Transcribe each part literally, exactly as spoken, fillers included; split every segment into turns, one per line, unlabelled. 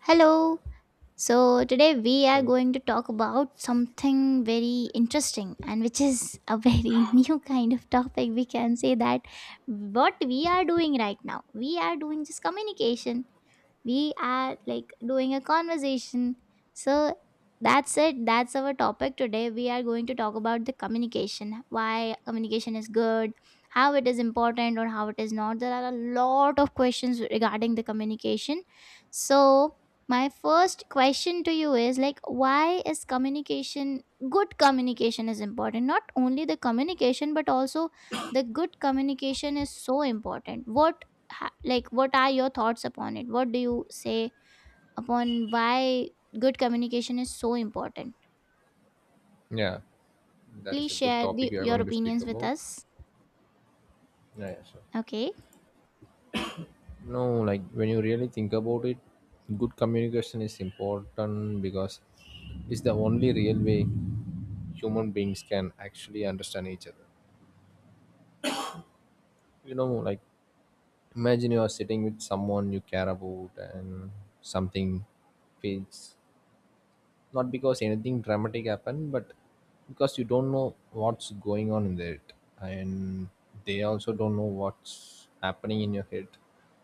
Hello. So today we are
Hello.
going to talk about something very interesting and which is a very new kind of topic. We can say that what we are doing right now, we are doing just communication, we are like doing a conversation. So that's it. That's our topic today. We are going to talk about the communication, why communication is good, how it is important, or how it is not. There are a lot of questions regarding the communication. So, my first question to you is like, why is communication good? Communication is important, not only the communication, but also the good communication is so important. What ha- like what are your thoughts upon it? What do you say upon why good communication is so important?
Yeah, that's
Please
a good
share
topic
the,
we are
your
going to speak
opinions with
about.
us,
Yeah, yeah, sure.
okay?
No, like when you really think about it, good communication is important because it's the only real way human beings can actually understand each other. You know, like imagine you are sitting with someone you care about and something fades, not because anything dramatic happened, but because you don't know what's going on in it, and they also don't know what's happening in your head.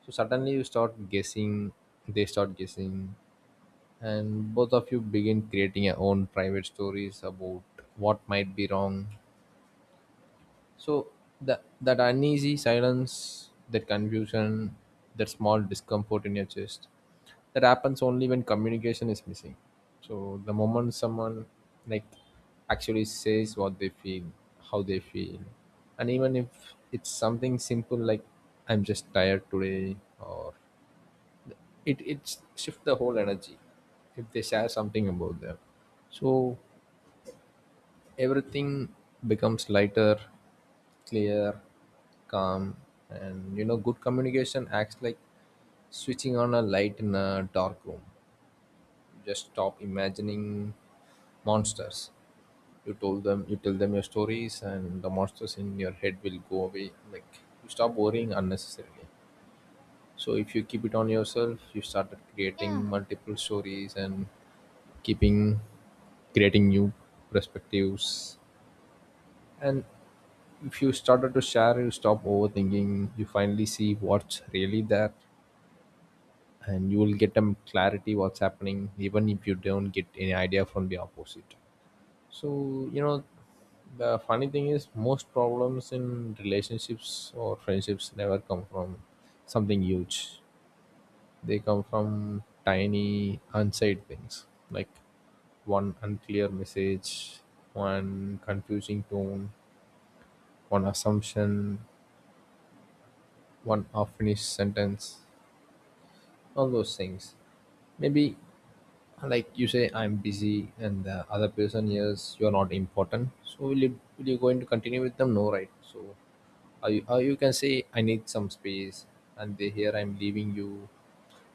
So suddenly you start guessing, they start guessing, and both of you begin creating your own private stories about what might be wrong. So that that uneasy silence, that confusion, that small discomfort in your chest, that happens only when communication is missing. So the moment someone, like, actually says what they feel, how they feel, and even if it's something simple like "I'm just tired today," or it it shifts the whole energy if they share something about them. So everything becomes lighter, clear, calm, and you know, good communication acts like switching on a light in a dark room. You just stop imagining monsters. You told them, you tell them your stories, and the monsters in your head will go away. Like, you stop worrying unnecessarily. So if you keep it on yourself, you started creating
Yeah,
multiple stories and keeping creating new perspectives. And if you started to share, you stop overthinking, you finally see what's really there, and you will get a clarity what's happening even if you don't get any idea from the opposite. So you know, the funny thing is most problems in relationships or friendships never come from something huge. They come from tiny unsaid things like one unclear message, one confusing tone, one assumption, one unfinished sentence, all those things. Maybe like you say, I'm busy, and the other person hears you're not important. So will you will you going to continue with them? No, right? So are you, or you can say I need some space, and they hear I'm leaving you.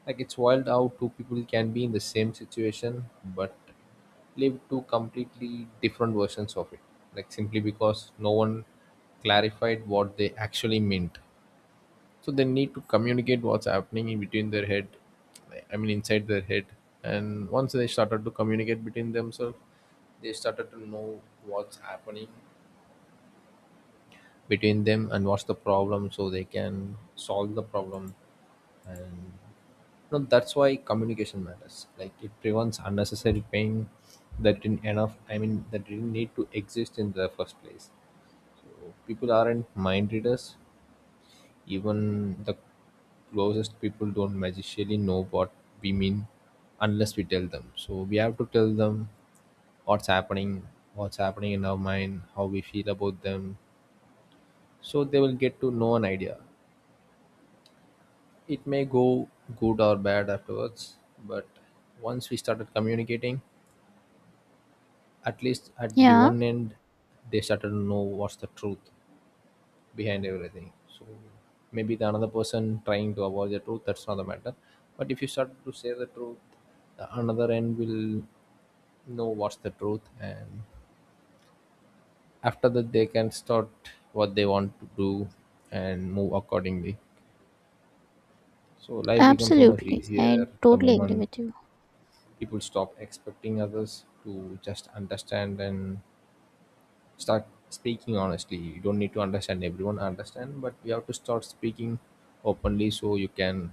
Like, it's wild how two people can be in the same situation but live two completely different versions of it. Like, simply because no one clarified what they actually meant. So they need to communicate what's happening in between their head, I mean, inside their head. And once they started to communicate between themselves, they started to know what's happening between them and what's the problem, so they can solve the problem. And no, that's why communication matters. Like, it prevents unnecessary pain that didn't enough. I mean, that didn't need to exist in the first place. So people aren't mind readers. Even the closest people don't magically know what we mean unless we tell them. So we have to tell them what's happening, what's happening in our mind, how we feel about them. So they will get to know an idea. It may go good or bad afterwards, but once we started communicating, at least at the
yeah,
one end, they started to know what's the truth behind everything. So maybe the another person trying to avoid the truth, that's not the matter. But if you start to say the truth, the another end will know what's the truth, and after that they can start what they want to do and move accordingly. So life becomes so much
absolutely, I
easier the
totally agree
moment
with you.
people stop expecting others to just understand and start speaking honestly. You don't need to understand everyone understand, but you have to start speaking openly, so you can,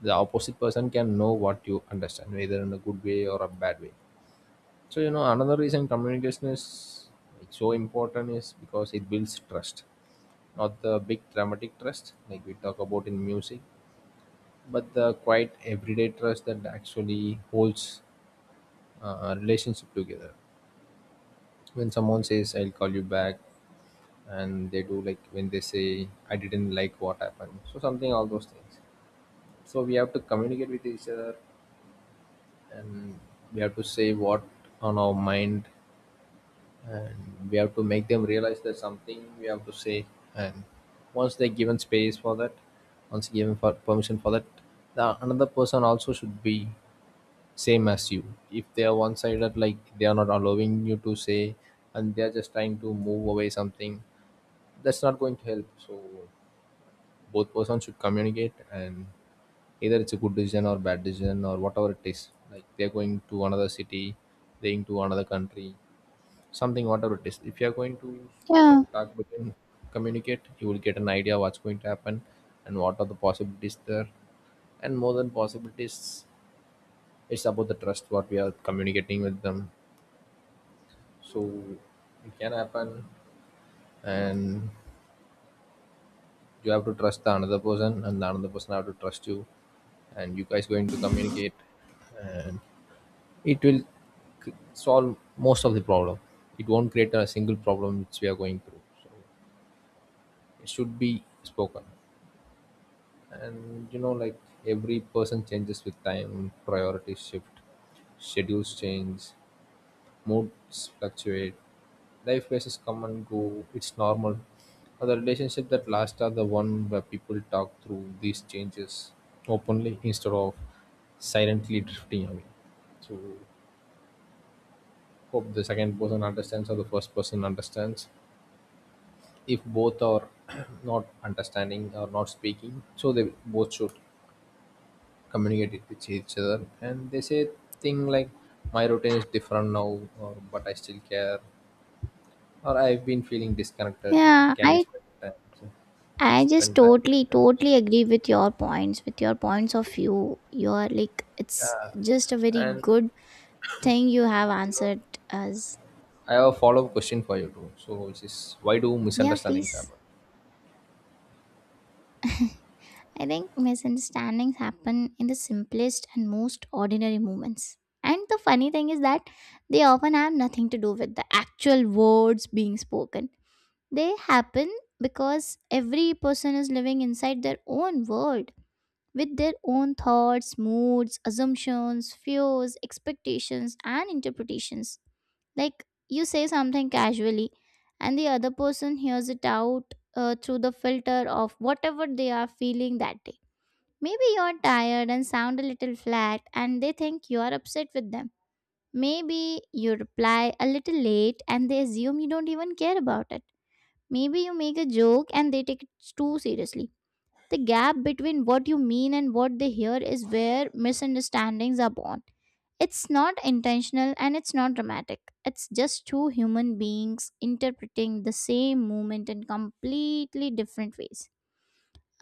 the opposite person can know what you understand, whether in a good way or a bad way. So you know, another reason communication is, like, so important is because it builds trust, not the big dramatic trust like we talk about in music, but the quiet everyday trust that actually holds uh, a relationship together. When someone says I'll call you back and they do, like when they say I didn't like what happened, so something, all those things. So we have to communicate with each other, and we have to say what on our mind, and we have to make them realize there's something we have to say. And once they're given space for that, once given for permission for that, the another person also should be same as you. If they are one-sided, like they are not allowing you to say, and they're just trying to move away something, that's not going to help. So both persons should communicate, and either it's a good decision or bad decision or whatever it is, like they're going to another city, they're going to another country, something, whatever it is, if you are going to
Yeah,
talk with him, communicate, you will get an idea what's going to happen and what are the possibilities there. And more than possibilities, it's about the trust what we are communicating with them. So it can happen. And you have to trust the another person, and the another person have to trust you, and you guys going to communicate. And it will c- solve most of the problem. It won't create a single problem which we are going through. So it should be spoken. And you know, like every person changes with time, priorities shift, schedules change, moods fluctuate, life phases come and go. It's normal. Uh, the relationships that last are the one where people talk through these changes openly instead of silently drifting away. So hope the second person understands or the first person understands. If both are not understanding or not speaking, so they both should communicate it with each other, and they say thing like my routine is different now, or but I still care, or I've been feeling disconnected,
yeah,
can we
i
spend time? So,
i just
spend time
totally
like
totally
that.
agree with your points, with your points of view. You're like, it's just a very
And
good thing you have
you know,
answered us.
I have a follow-up question for you too, so which is why do
Yeah,
misunderstandings
please.
happen?
I think misunderstandings happen in the simplest and most ordinary moments. And the funny thing is that they often have nothing to do with the actual words being spoken. They happen because every person is living inside their own world with their own thoughts, moods, assumptions, fears, expectations, and interpretations. Like, you say something casually, and the other person hears it out uh, through the filter of whatever they are feeling that day. Maybe you're tired and sound a little flat, and they think you're upset with them. Maybe you reply a little late and they assume you don't even care about it. Maybe you make a joke and they take it too seriously. The gap between what you mean and what they hear is where misunderstandings are born. It's not intentional and it's not dramatic. It's just two human beings interpreting the same moment in completely different ways.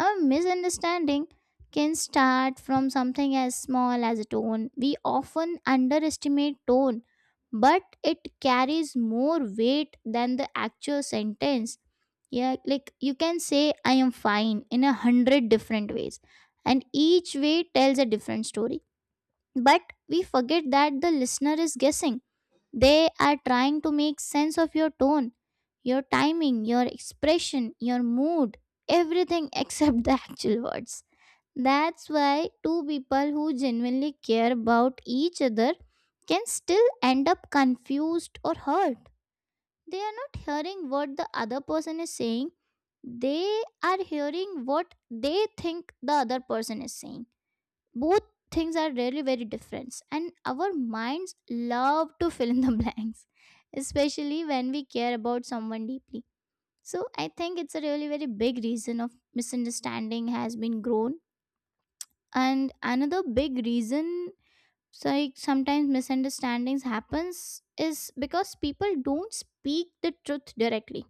A misunderstanding can start from something as small as a tone. We often underestimate tone, but it carries more weight than the actual sentence. Yeah, like, you can say, I am fine in a hundred different ways, and each way tells a different story. But we forget that the listener is guessing. They are trying to make sense of your tone, your timing, your expression, your mood, everything except the actual words. That's why two people who genuinely care about each other can still end up confused or hurt. They are not hearing what the other person is saying, they are hearing what they think the other person is saying. Both things are really very different and our minds love to fill in the blanks, especially when we care about someone deeply. So I think it's a really very big reason of misunderstanding has been grown. And another big reason, so like, sometimes misunderstandings happens is because people don't speak the truth directly.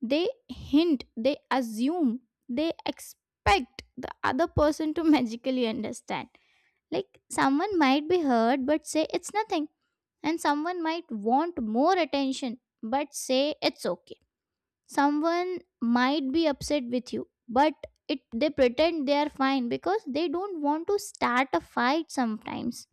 They hint, they assume, they expect the other person to magically understand. Like, someone might be hurt but say it's nothing, and someone might want more attention but say it's okay. Someone might be upset with you, but it they pretend they are fine because they don't want to start a fight sometimes.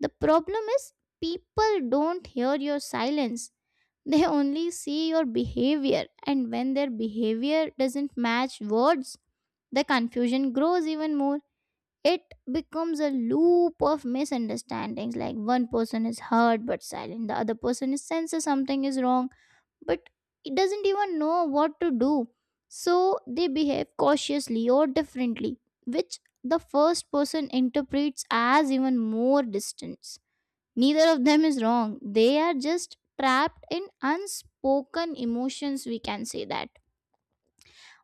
The problem is, people don't hear your silence. They only see your behavior, and when their behavior doesn't match words, the confusion grows even more. It becomes a loop of misunderstandings. Like, one person is hurt but silent, the other person is senses something is wrong, but it doesn't even know what to do, so they behave cautiously or differently, which the first person interprets as even more distance. Neither of them is wrong, they are just trapped in unspoken emotions, we can say that.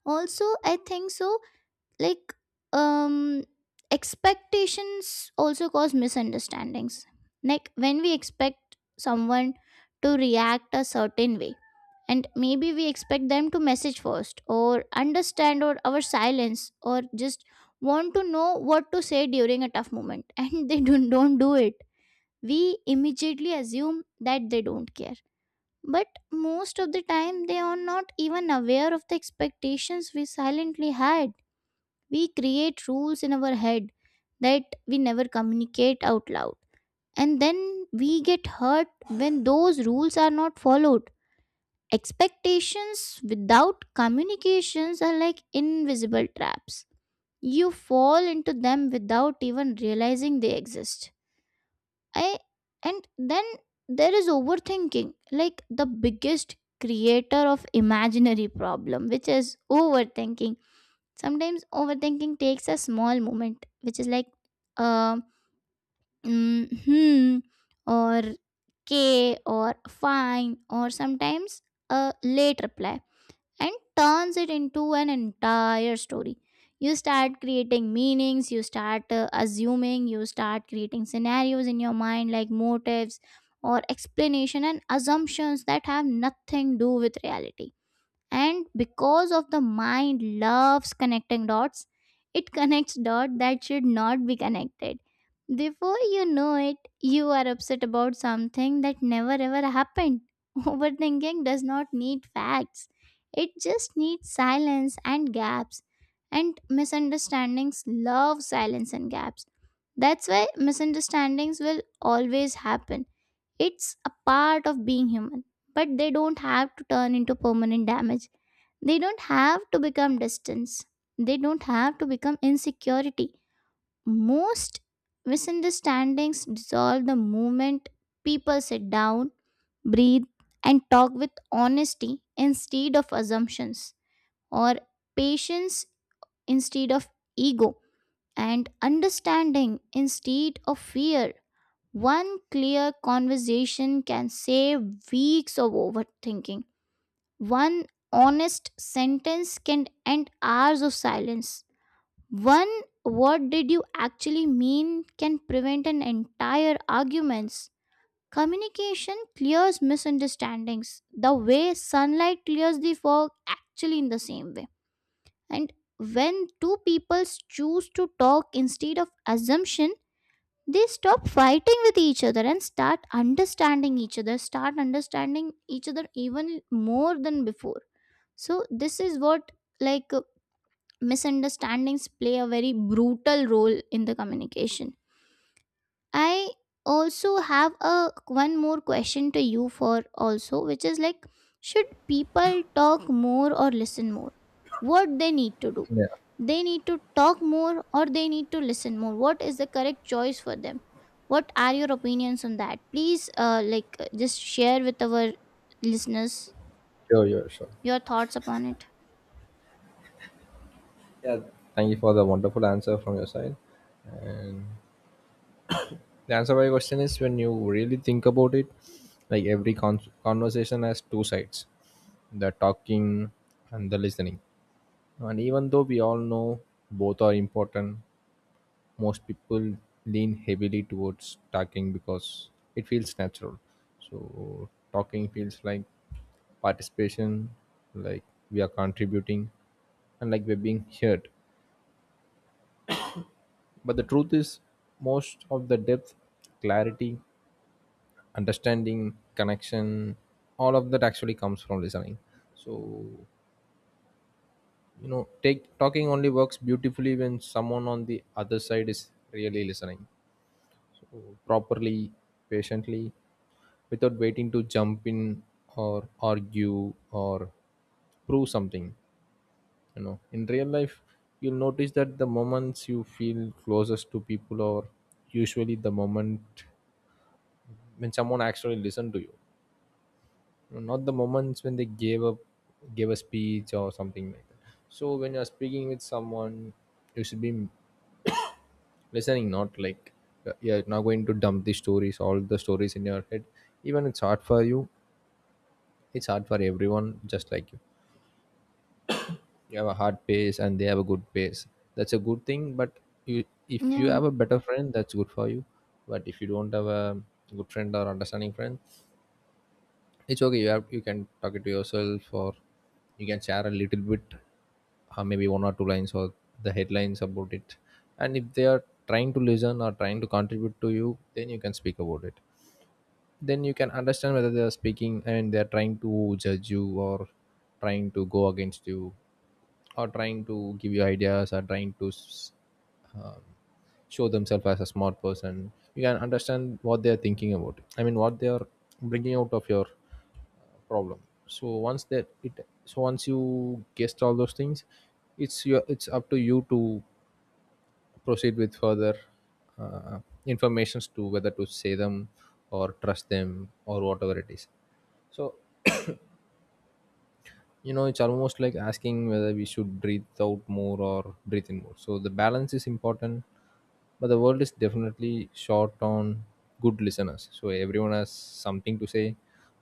Also, I think so, like, um expectations also cause misunderstandings. Like, when we expect someone to react a certain way, and maybe we expect them to message first or understand or our silence or just want to know what to say during a tough moment, and they don't, don't do it, we immediately assume that they don't care. But most of the time they are not even aware of the expectations we silently had. We create rules in our head that we never communicate out loud. And then we get hurt when those rules are not followed. Expectations without communications are like invisible traps. You fall into them without even realizing they exist. I and then there is overthinking, like the biggest creator of imaginary problem, which is overthinking. Sometimes overthinking takes a small moment, which is like, uh, mm, hmm, or K or fine, or sometimes a late reply, and turns it into an entire story. You start creating meanings, you start uh, assuming, you start creating scenarios in your mind like motives or explanation and assumptions that have nothing do with reality. And because of the mind loves connecting dots, it connects dots that should not be connected. Before you know it, you are upset about something that never ever happened. Overthinking does not need facts, it just needs silence and gaps. And misunderstandings love silence and gaps. That's why misunderstandings will always happen. It's a part of being human, but they don't have to turn into permanent damage. They don't have to become distance. They don't have to become insecurity. Most misunderstandings dissolve the moment people sit down, breathe, and talk with honesty instead of assumptions, or patience instead of ego, and understanding instead of fear. One clear conversation can save weeks of overthinking. One honest sentence can end hours of silence. One what did you actually mean can prevent an entire arguments. Communication clears misunderstandings the way sunlight clears the fog, actually in the same way. And when two peoples choose to talk instead of assumption, they stop fighting with each other and start understanding each other, start understanding each other even more than before. So this is what, like uh, misunderstandings play a very brutal role in the communication. I also have a one more question to you for also, which is like, should people talk more or listen more? What they need to do?
Yeah,
They need to talk more or they need to listen more? What is the correct choice for them? What are your opinions on that? Please uh, like, uh, just share with our listeners
sure, sure, sure.
your thoughts upon it.
Yeah, thank you for the wonderful answer from your side. And the answer to my question is, when you really think about it, like every con- conversation has two sides, the talking and the listening. And even though we all know both are important, most people lean heavily towards talking because it feels natural. So talking feels like participation, like we are contributing, and like we're being heard. But the truth is, most of the depth, clarity, understanding connection, all of that actually comes from listening. So you know, take talking only works beautifully when someone on the other side is really listening, so properly, patiently, without waiting to jump in or argue or prove something. You know, in real life, you'll notice that the moments you feel closest to people are usually the moment when someone actually listens to you, not the moments when they gave up, gave a speech or something like that. So when you're speaking with someone, you should be listening, not like uh, you're not going to dump the stories, all the stories in your head. Even it's hard for you, it's hard for everyone, just like you. You have a hard pace and they have a good pace. That's a good thing. But you, if you
Yeah,
have a better friend, that's good for you. But if you don't have a good friend or understanding friend, it's okay, you have, you can talk it to yourself, or you can share a little bit, uh, maybe one or two lines or the headlines about it. And if they are trying to listen or trying to contribute to you, then you can speak about it. Then you can understand whether they are speaking and they are trying to judge you or trying to go against you or trying to give you ideas or trying to s- um, show themselves as a smart person. You can understand what they are thinking about, I mean, what they are bringing out of your problem. So once that it, so once you guessed all those things, it's your, it's up to you to proceed with further uh, informations, to whether to say them or trust them or whatever it is. So you know, it's almost like asking whether we should breathe out more or breathe in more. So the balance is important, but the world is definitely short on good listeners. So everyone has something to say,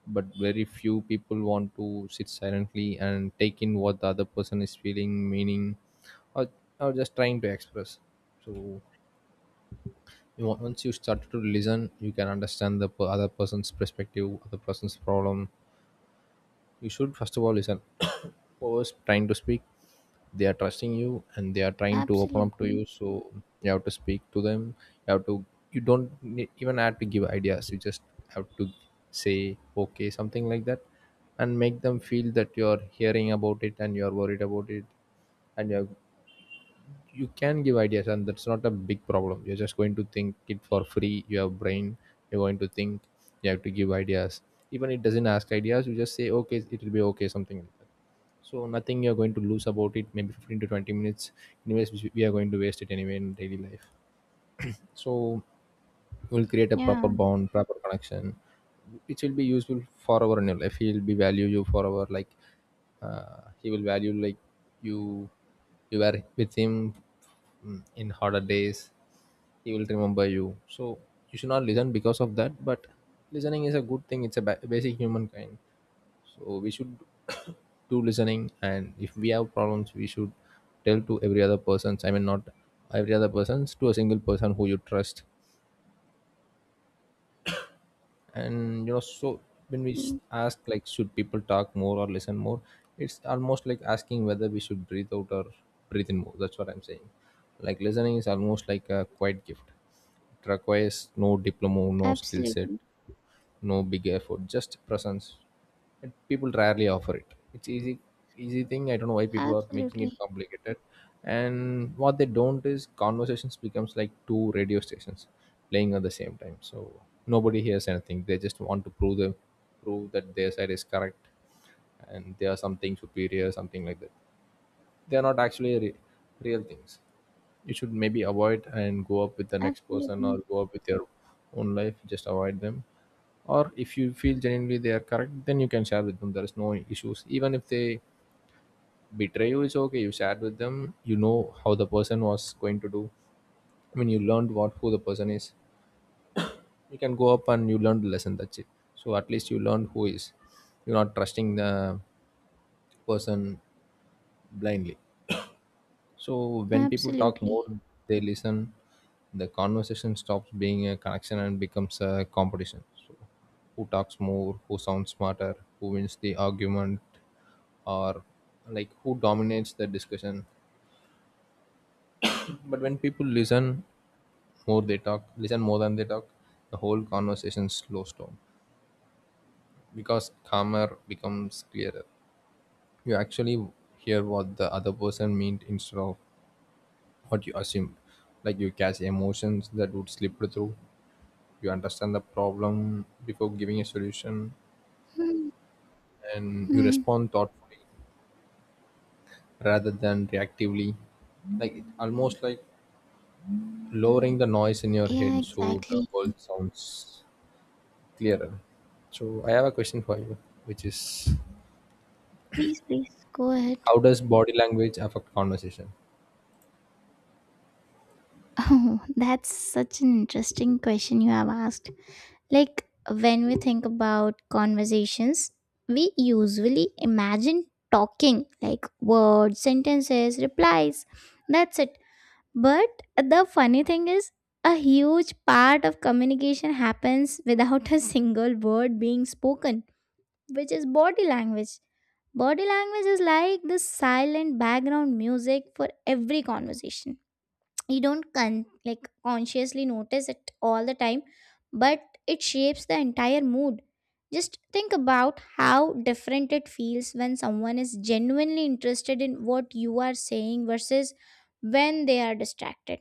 but very few people want to sit silently and take in what the other person is feeling, meaning, or, or just trying to express. So you, wa- once you start to listen, you can understand the per- other person's perspective, other person's problem. You should first of all listen. Whoever's trying to speak, they are trusting you and they are trying to open up to
absolutely.
you. So you have to speak to them, you have to, you don't need, even have to give ideas. You just have to say okay, something like that, and make them feel that you are hearing about it And you are worried about it, and you are, you can give ideas and that's not a big problem. You're just going to think it for free, you have brain, you're going to think. You have to give ideas. Even it doesn't ask ideas, you just say okay, it will be okay, something like that. So nothing you're going to lose about it, maybe fifteen to twenty minutes anyways, which we are going to waste it anyway in daily life. So we'll create a proper
Yeah,
bond, proper connection, which will be useful forever in your life. He will be value you forever, like uh, he will value like you you were with him, mm, in harder days. He will remember you. So you should not listen because of that, but listening is a good thing. It's a ba- basic human kind. So we should do listening, and if we have problems we should tell to every other persons, I mean, not every other persons, to a single person who you trust and you know. So when we s-
mm,
ask like should people talk more or listen more, it's almost like asking whether we should breathe out or breathe in more. That's what I'm saying. Like listening is almost like a quiet gift. It requires no diploma, no skill set,
absolutely,
no big effort, just presence. And people rarely offer it. It's easy, easy thing. I don't know why people are making it
absolutely,
complicated. And what they don't is conversations becomes like two radio stations playing at the same time, so nobody hears anything. They just want to prove them, prove that their side is correct, and they are something superior, something like that. They are not actually re- real things. You should maybe avoid and go up with the next person or
absolutely,
go up with your own life, just avoid them. Or if you feel genuinely they are correct, then you can share with them. There is no issues. Even if they betray you, it's okay, you shared with them. You know how the person was going to do, I mean, you learned what, who the person is. You can go up and you learn the lesson, that's it. So at least you learned who is, you're not trusting the person blindly. So when people talk more,
absolutely.
they listen, the conversation stops being a connection and becomes a competition. So who talks more, who sounds smarter, who wins the argument, or like who dominates the discussion. But when people listen more, they talk, listen more than they talk, the whole conversation slows down, because calmer becomes clearer. You actually hear what the other person meant instead of what you assumed. Like you catch emotions that would slip through, you understand the problem before giving a solution,
Hmm.
and you
Hmm.
respond thoughtfully rather than reactively. Like it, almost like lowering the noise in your
Yeah,
head so the
exactly.
world sounds clearer. So I have a question for you, which is
Please, please go ahead.
how does body language affect conversation?
Oh, that's such an interesting question you have asked. Like, when we think about conversations, we usually imagine talking, like words, sentences, replies. That's it. But the funny thing is, a huge part of communication happens without a single word being spoken, which is body language. Body language is like the silent background music for every conversation. You don't con- like consciously notice it all the time, but it shapes the entire mood. Just think about how different it feels when someone is genuinely interested in what you are saying versus when they are distracted.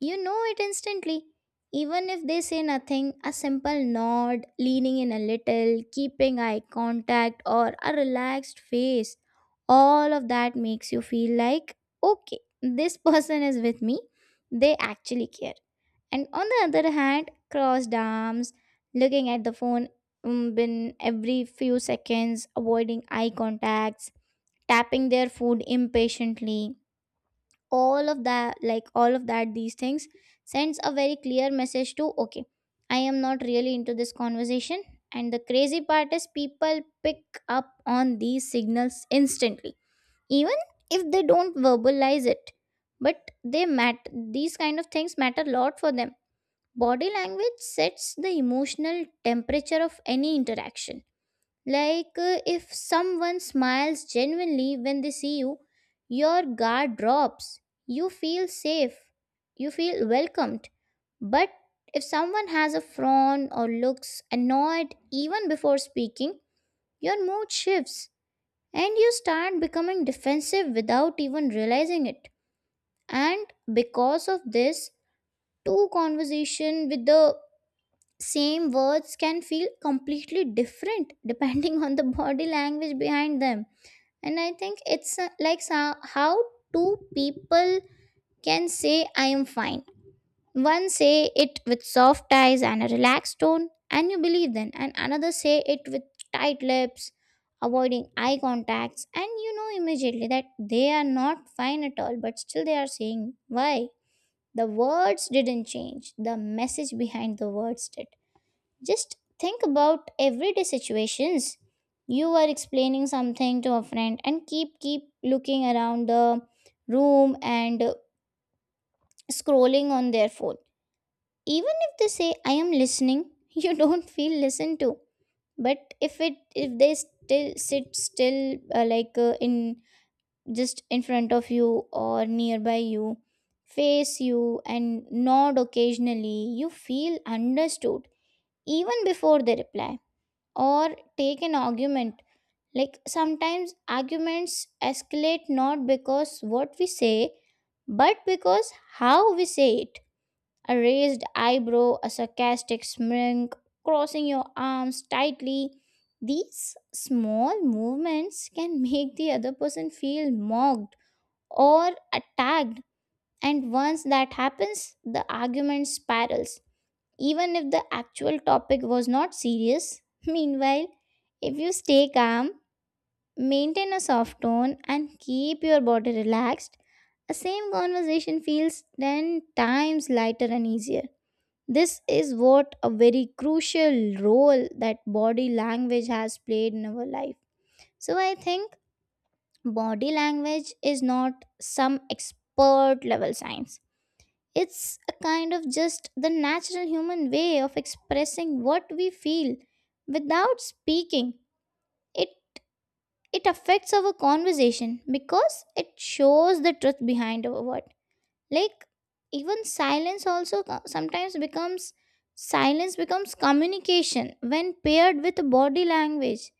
You know it instantly. Even if they say nothing, a simple nod, leaning in a little, keeping eye contact, or a relaxed face, all of that makes you feel like, okay, this person is with me. They actually care. And on the other hand, crossed arms, looking at the phone mm, bin every few seconds, avoiding eye contacts, tapping their food impatiently, all of that, like all of that, these things sends a very clear message to, okay, I am not really into this conversation. And the crazy part is, people pick up on these signals instantly, even if they don't verbalize it. But they matter. These kind of things matter a lot for them. Body language sets the emotional temperature of any interaction. Like uh, if someone smiles genuinely when they see you, your guard drops. You feel safe. You feel welcomed. But if someone has a frown or looks annoyed even before speaking, your mood shifts and you start becoming defensive without even realizing it. And because of this, two conversation with the same words can feel completely different depending on the body language behind them. And I think it's uh, like so- how two people can say I am fine. One say it with soft eyes and a relaxed tone and you believe them, and another say it with tight lips, avoiding eye contacts, and you know immediately that they are not fine at all, but still they are saying. Why? The words didn't change, the message behind the words did. Just think about everyday situations. You are explaining something to a friend and keep keep looking around the room and uh, scrolling on their phone. Even if they say I am listening, you don't feel listened to. But if it if they still sit still, uh, like, uh, in just in front of you or nearby you, face you and nod occasionally, you feel understood even before they reply or take an argument. Like, sometimes arguments escalate not because what we say, but because how we say it. A raised eyebrow, a sarcastic smirk, crossing your arms tightly. These small movements can make the other person feel mocked or attacked, and once that happens, the argument spirals even if the actual topic was not serious. Meanwhile, if you stay calm, maintain a soft tone, and keep your body relaxed, a same conversation feels ten times lighter and easier. This is what a very crucial role that body language has played in our life. So, I think body language is not some expert level science, it's a kind of just the natural human way of expressing what we feel without speaking. It it affects our conversation because it shows the truth behind our word. Like, even silence also co- sometimes becomes, silence becomes communication when paired with body language.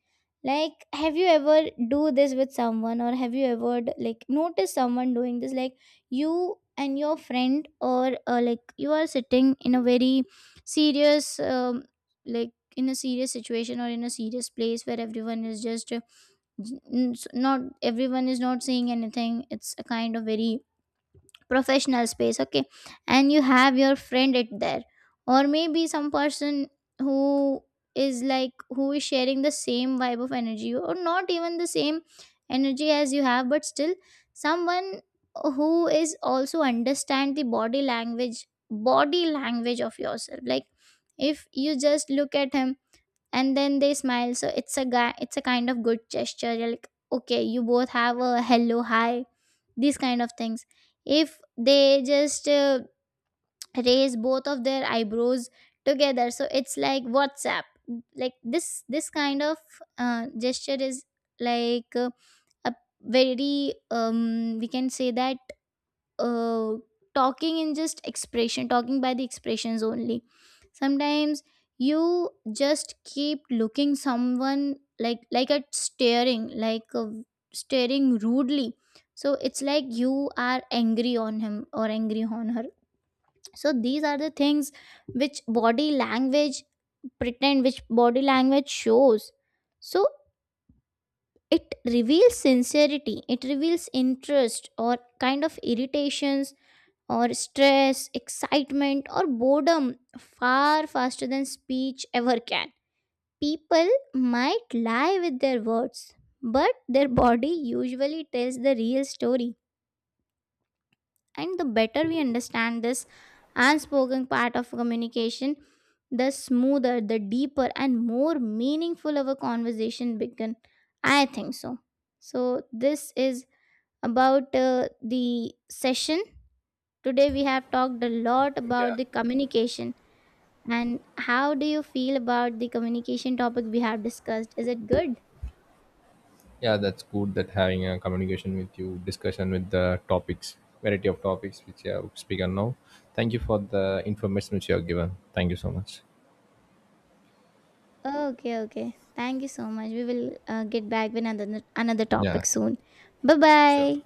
Like, have you ever do this with someone, or have you ever d- like noticed someone doing this? Like, you and your friend, or uh, like, you are sitting in a very serious um, like in a serious situation or in a serious place where everyone is just uh, n- s- not everyone is not saying anything, it's a kind of very professional space, okay? And you have your friend it there, or maybe some person who is, like, who is sharing the same vibe of energy, or not even the same energy as you have, but still someone who is also understand the body language, body language of yourself. Like, if you just look at him and then they smile, so it's a guy, it's a kind of good gesture. You're like, okay, you both have a hello, hi, these kind of things. If they just uh, raise both of their eyebrows together, so it's like whatsapp, like this this kind of uh, gesture is like uh, a very um we can say that, uh, talking in just expression, talking by the expressions only. Sometimes you just keep looking someone, like like at staring, like uh, staring rudely, so it's like you are angry on him or angry on her. So these are the things which body language pretend, which body language shows. So it reveals sincerity, it reveals interest, or kind of irritations, or stress, excitement, or boredom far faster than speech ever can. People might lie with their words, but their body usually tells the real story. And the better we understand this unspoken part of communication, the smoother, the deeper, and more meaningful our conversation begin. I think so. So, this is about uh, the session. Today we have talked a lot
Yeah.
about the communication, and how do you feel about the communication topic we have discussed? Is it good?
Yeah, that's good that having a communication with you, discussion with the topics, variety of topics which you have spoken now. Thank you for the information which you have given. Thank you so much.
Okay, okay. Thank you so much. We will uh, get back with another another
Yeah,
topic soon. Bye
sure.
bye.